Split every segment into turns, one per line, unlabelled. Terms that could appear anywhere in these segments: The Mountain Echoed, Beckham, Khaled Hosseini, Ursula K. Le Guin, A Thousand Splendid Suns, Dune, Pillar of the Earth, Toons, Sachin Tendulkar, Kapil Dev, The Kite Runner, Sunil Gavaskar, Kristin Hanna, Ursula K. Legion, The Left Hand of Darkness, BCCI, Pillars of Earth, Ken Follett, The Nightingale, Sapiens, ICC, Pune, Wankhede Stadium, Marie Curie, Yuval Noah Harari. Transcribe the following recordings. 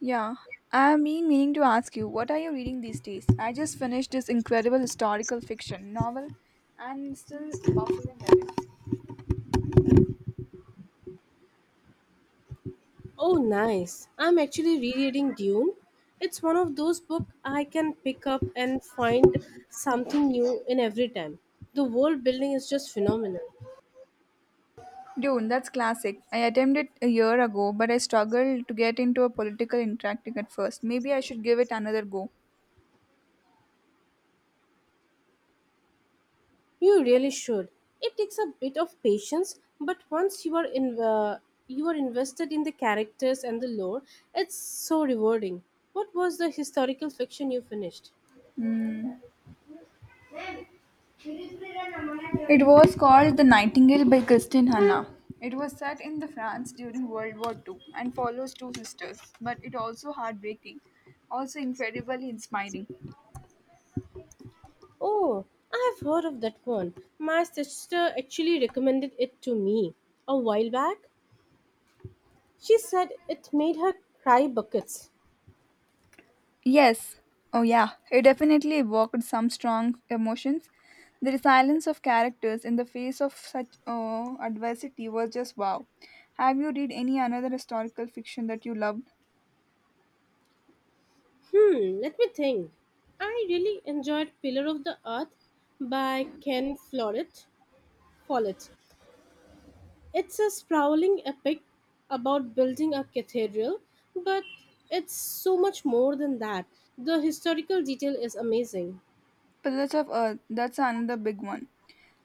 Yeah, I've been meaning to ask you, what are you reading these days? I just finished this incredible historical fiction novel and still baffling at it.
Oh, nice. I'm actually rereading Dune. It's one of those books I can pick up and find something new in every time. The world building is just phenomenal.
Dune, that's classic. I attempted a year ago, but I struggled to get into a political interacting at first. Maybe I should give it another go.
You really should. It takes a bit of patience, but once you are in, you are invested in the characters and the lore, it's so rewarding. What was the historical fiction you finished?
Hmm. It was called The Nightingale by Kristin Hanna. It was set in the France during World War Two and follows two sisters, but it also heartbreaking, also incredibly inspiring.
Oh, I have heard of that one. My sister actually recommended it to me a while back. She said it made her cry buckets.
Yes. Oh, yeah. It definitely evoked some strong emotions. The resilience of characters in the face of such adversity was just wow. Have you read any another historical fiction that you loved?
Let me think. I really enjoyed Pillar of the Earth by Ken Follett. Follett. It's a sprawling epic about building a cathedral, but it's so much more than that. The historical detail is amazing.
Pillars of Earth. That's another big one.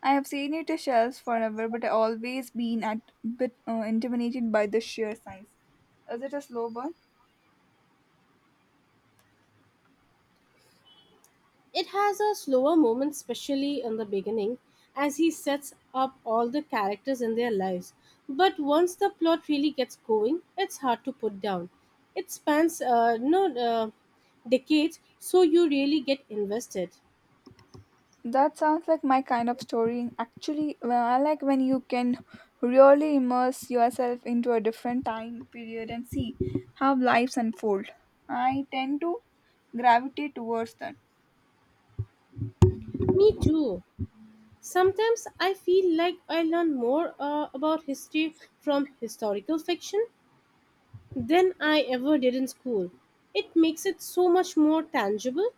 I have seen it on shelves forever, but I always been at bit intimidated by the sheer size. Is it a slow burn?
It has a slower moment, especially in the beginning, as he sets up all the characters in their lives. But once the plot really gets going, it's hard to put down. It spans no decades, so you really get invested.
That sounds like my kind of story. Actually, well, I like when you can really immerse yourself into a different time period and see how lives unfold. I tend to gravitate towards that.
Me too. Sometimes I feel like I learn more about history from historical fiction than I ever did in school. It makes it so much more tangible.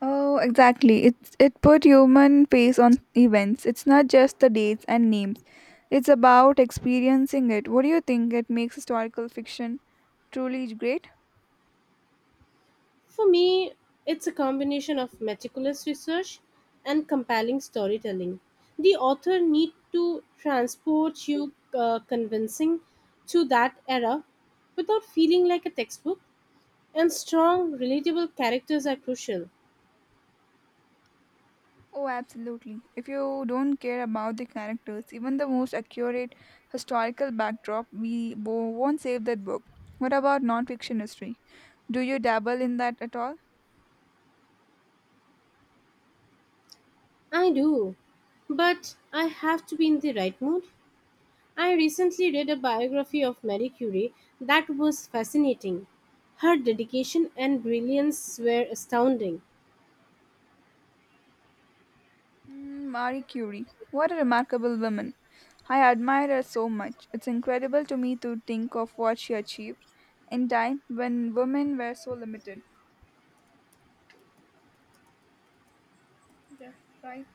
Oh, exactly. It's it put human face on events. It's not just the dates and names. It's about experiencing it. What do you think it makes historical fiction truly great?
For me, it's a combination of meticulous research and compelling storytelling. The author need to transport you convincing to that era without feeling like a textbook, and strong, relatable characters are crucial.
Oh, absolutely. If you don't care about the characters, even the most accurate historical backdrop, we won't save that book. What about non-fiction history? Do you dabble in that at all?
I do, but I have to be in the right mood. I recently read a biography of Marie Curie that was fascinating. Her dedication and brilliance were astounding.
Mm, Marie Curie. What a remarkable woman. I admire her so much. It's incredible to me to think of what she achieved in time when women were so limited. Yeah, right.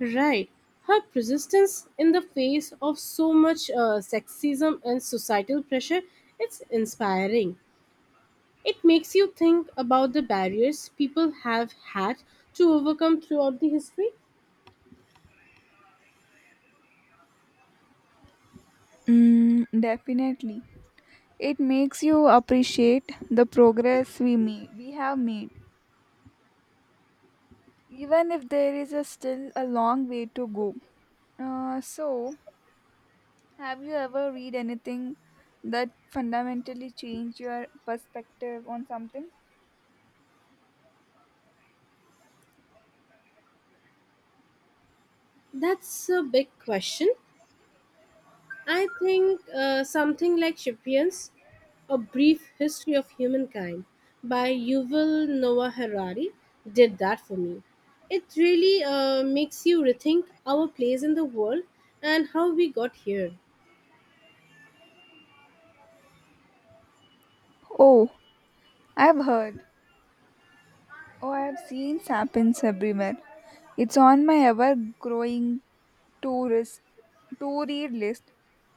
Right. Her persistence in the face of so much sexism and societal pressure, it's inspiring. It makes you think about the barriers people have had to overcome throughout the history.
Mm, definitely. It makes you appreciate the progress we have made even if there is a still a long way to go. Uh, so, have you ever read anything that fundamentally changed your perspective on something?
That's a big question. I think something like Sapiens, A Brief History of Humankind by Yuval Noah Harari did that for me. It really makes you rethink our place in the world and how we got here.
Oh, I've heard. Oh, I have seen sapiens everywhere. It's on my ever-growing tourist to-read list.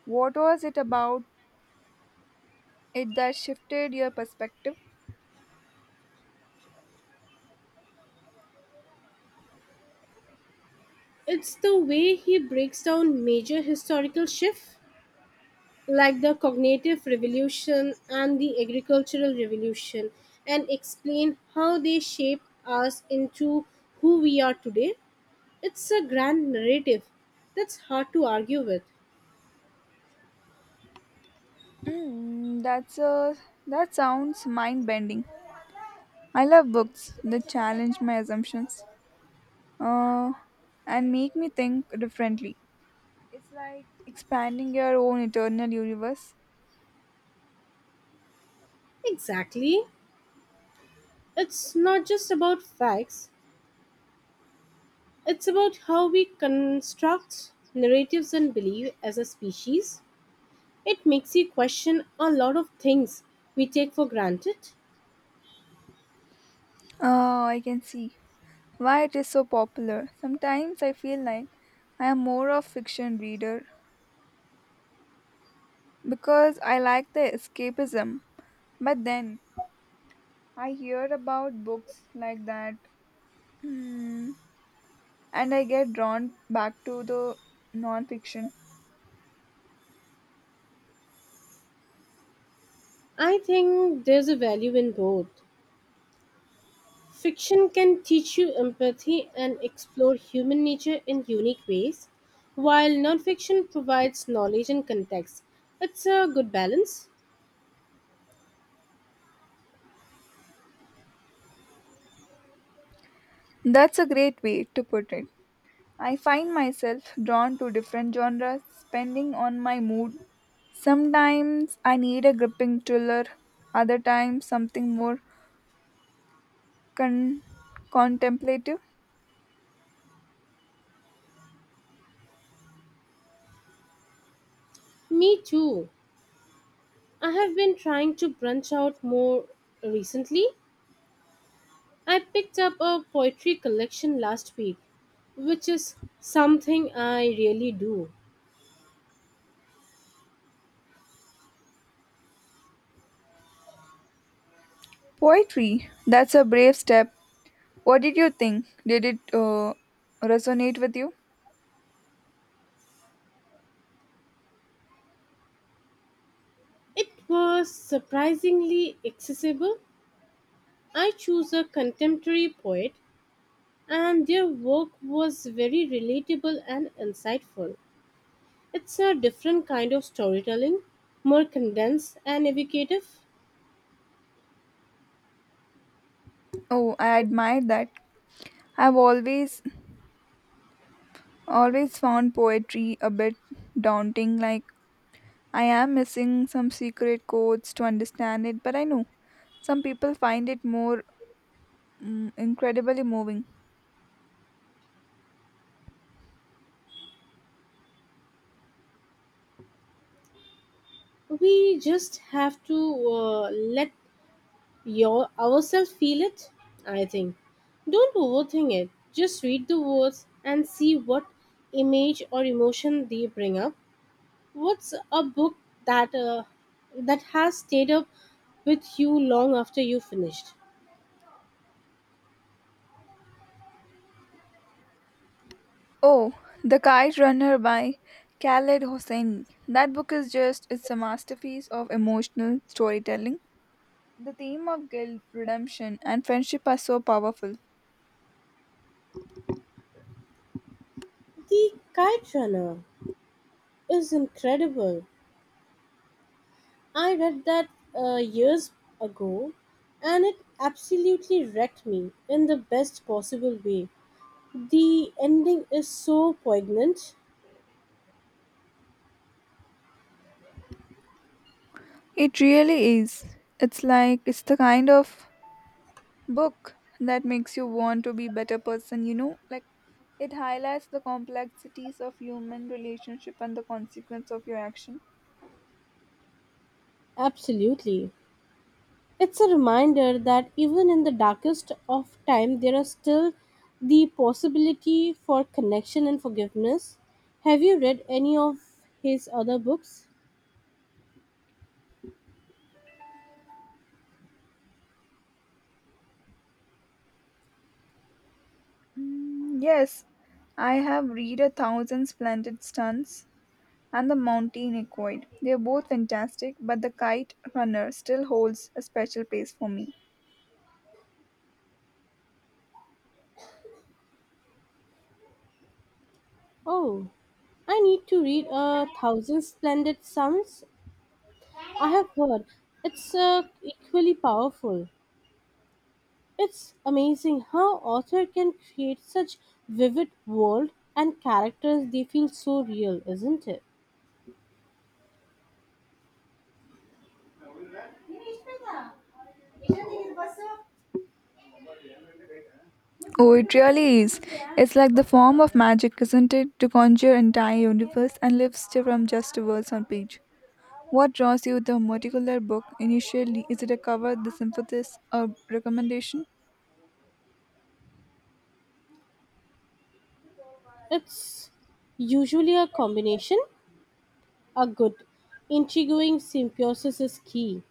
What was it about it that shifted your perspective?
It's the way he breaks down major historical shifts like the cognitive revolution and the agricultural revolution and explain how they shape us into who we are today. It's a grand narrative that's hard to argue with.
Mm, that's a that sounds mind-bending. I love books that challenge my assumptions. uh, and make me think differently. It's like expanding your own eternal universe.
Exactly. It's not just about facts, it's about how we construct narratives and belief as a species. It makes you question a lot of things we take for granted.
Oh, I can see why it is so popular. Sometimes I feel like I am more of fiction reader because I like the escapism. But then I hear about books like that hmm, and I get drawn back to the non-fiction.
I think there's a value in both. Fiction can teach you empathy and explore human nature in unique ways, while nonfiction provides knowledge and context. It's a good balance.
That's a great way to put it. I find myself drawn to different genres, depending on my mood. Sometimes I need a gripping thriller, other times something more con- contemplative.
Me too. I have been trying to branch out more recently. I picked up a poetry collection last week, which is something I really do.
Poetry, that's a brave step. What did you think? Did it resonate with you?
It was surprisingly accessible. I chose a contemporary poet, and their work was very relatable and insightful. It's a different kind of storytelling, more condensed and evocative.
Oh, I admire that. I've always Always found poetry a bit daunting like I am missing some secret codes to understand it, but I know some people find it more Mm, incredibly moving.
We just have to let Your ourselves feel it, I think. Don't overthink it. Just read the words and see what image or emotion they bring up. What's a book that uh, that has stayed up with you long after you finished?
Oh, The Kite Runner by Khaled Hosseini. That book is just, it's a masterpiece of emotional storytelling. The theme of guilt, redemption, and friendship are so powerful.
The Kite Runner is incredible. I read that years ago and it absolutely wrecked me in the best possible way. The ending is so poignant.
It really is. It's the kind of book that makes you want to be better person, you know? Like, it highlights the complexities of human relationship and the consequence of your action.
Absolutely. It's a reminder that even in the darkest of time, there are still the possibility for connection and forgiveness. Have you read any of his other books?
Mm, yes, I have read a thousand splendid stunts and the mountain equid. They are both fantastic, but the kite runner still holds a special place for me.
Oh, I need to read A Thousand Splendid Suns. I have heard it's equally powerful. It's amazing how author can create such vivid world and characters they feel so real, isn't it?
Oh, it really is. It's like the form of magic, isn't it? To conjure entire universe and live still from just words on page. What draws you the particular book initially? Is it a cover, the synthesis, a recommendation?
It's usually a combination. A good, intriguing symbiosis is key.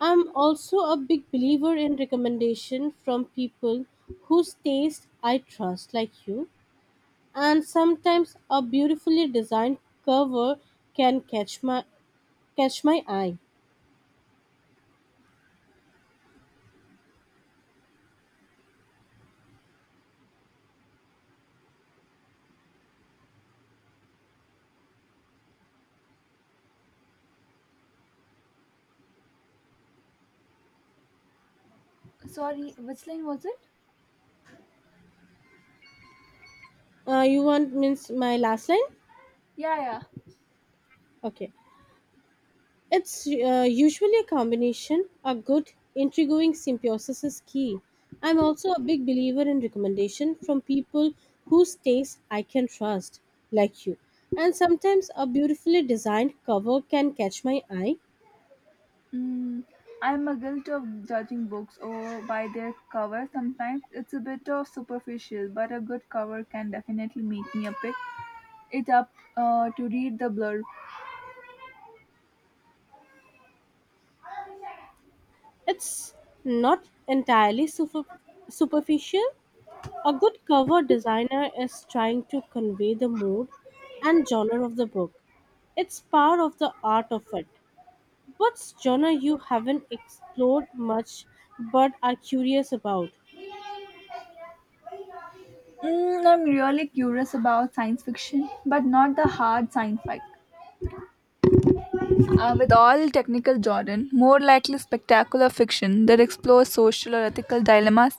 I'm also a big believer in recommendation from people whose taste I trust, like you. And sometimes a beautifully designed cover can catch my eye.
Sorry, which line was it?
You want means my last line?
Yeah, yeah.
Okay. It's usually a combination. A good, intriguing symbiosis is key. I'm also a big believer in recommendation from people whose taste I can trust, like you. And sometimes a beautifully designed cover can catch my eye.
Mm, I'm a guilt of judging books or by their cover. Sometimes it's a bit of superficial, but a good cover can definitely make me a pick it up to read the blurb.
It's not entirely superficial. A good cover designer is trying to convey the mood and genre of the book. It's part of the art of it. What genre you haven't explored much but are curious about?
Mm, I'm really curious about science fiction, but not the hard science fiction. With all technical jargon, more likely spectacular fiction that explores social or ethical dilemmas.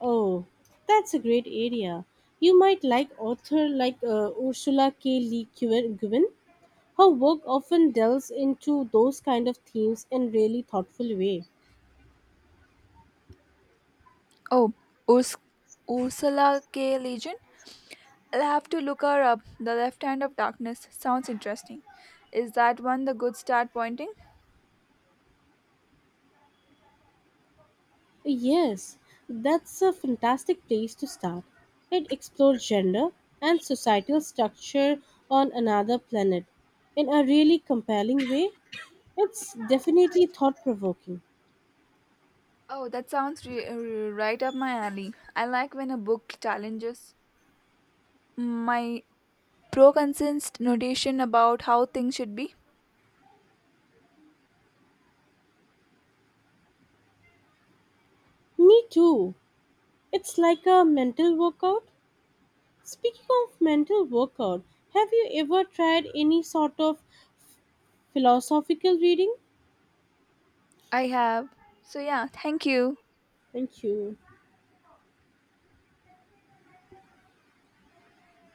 Oh, that's a great area. You might like author like Ursula K. Le Guin. Her work often delves into those kind of themes in really thoughtful way.
Oh, Urs- Ursula K. Legion? I'll have to look her up. The Left Hand of Darkness sounds interesting. Is that one the good start pointing?
Yes, that's a fantastic place to start. It explores gender and societal structure on another planet in a really compelling way. It's definitely thought provoking.
Oh, that sounds right up my alley. I like when a book challenges my pro-consensed notation about how things should be.
Me too. It's like a mental workout. Speaking of mental workout, have you ever tried any sort of philosophical reading?
I have. So yeah, thank you.
Thank you.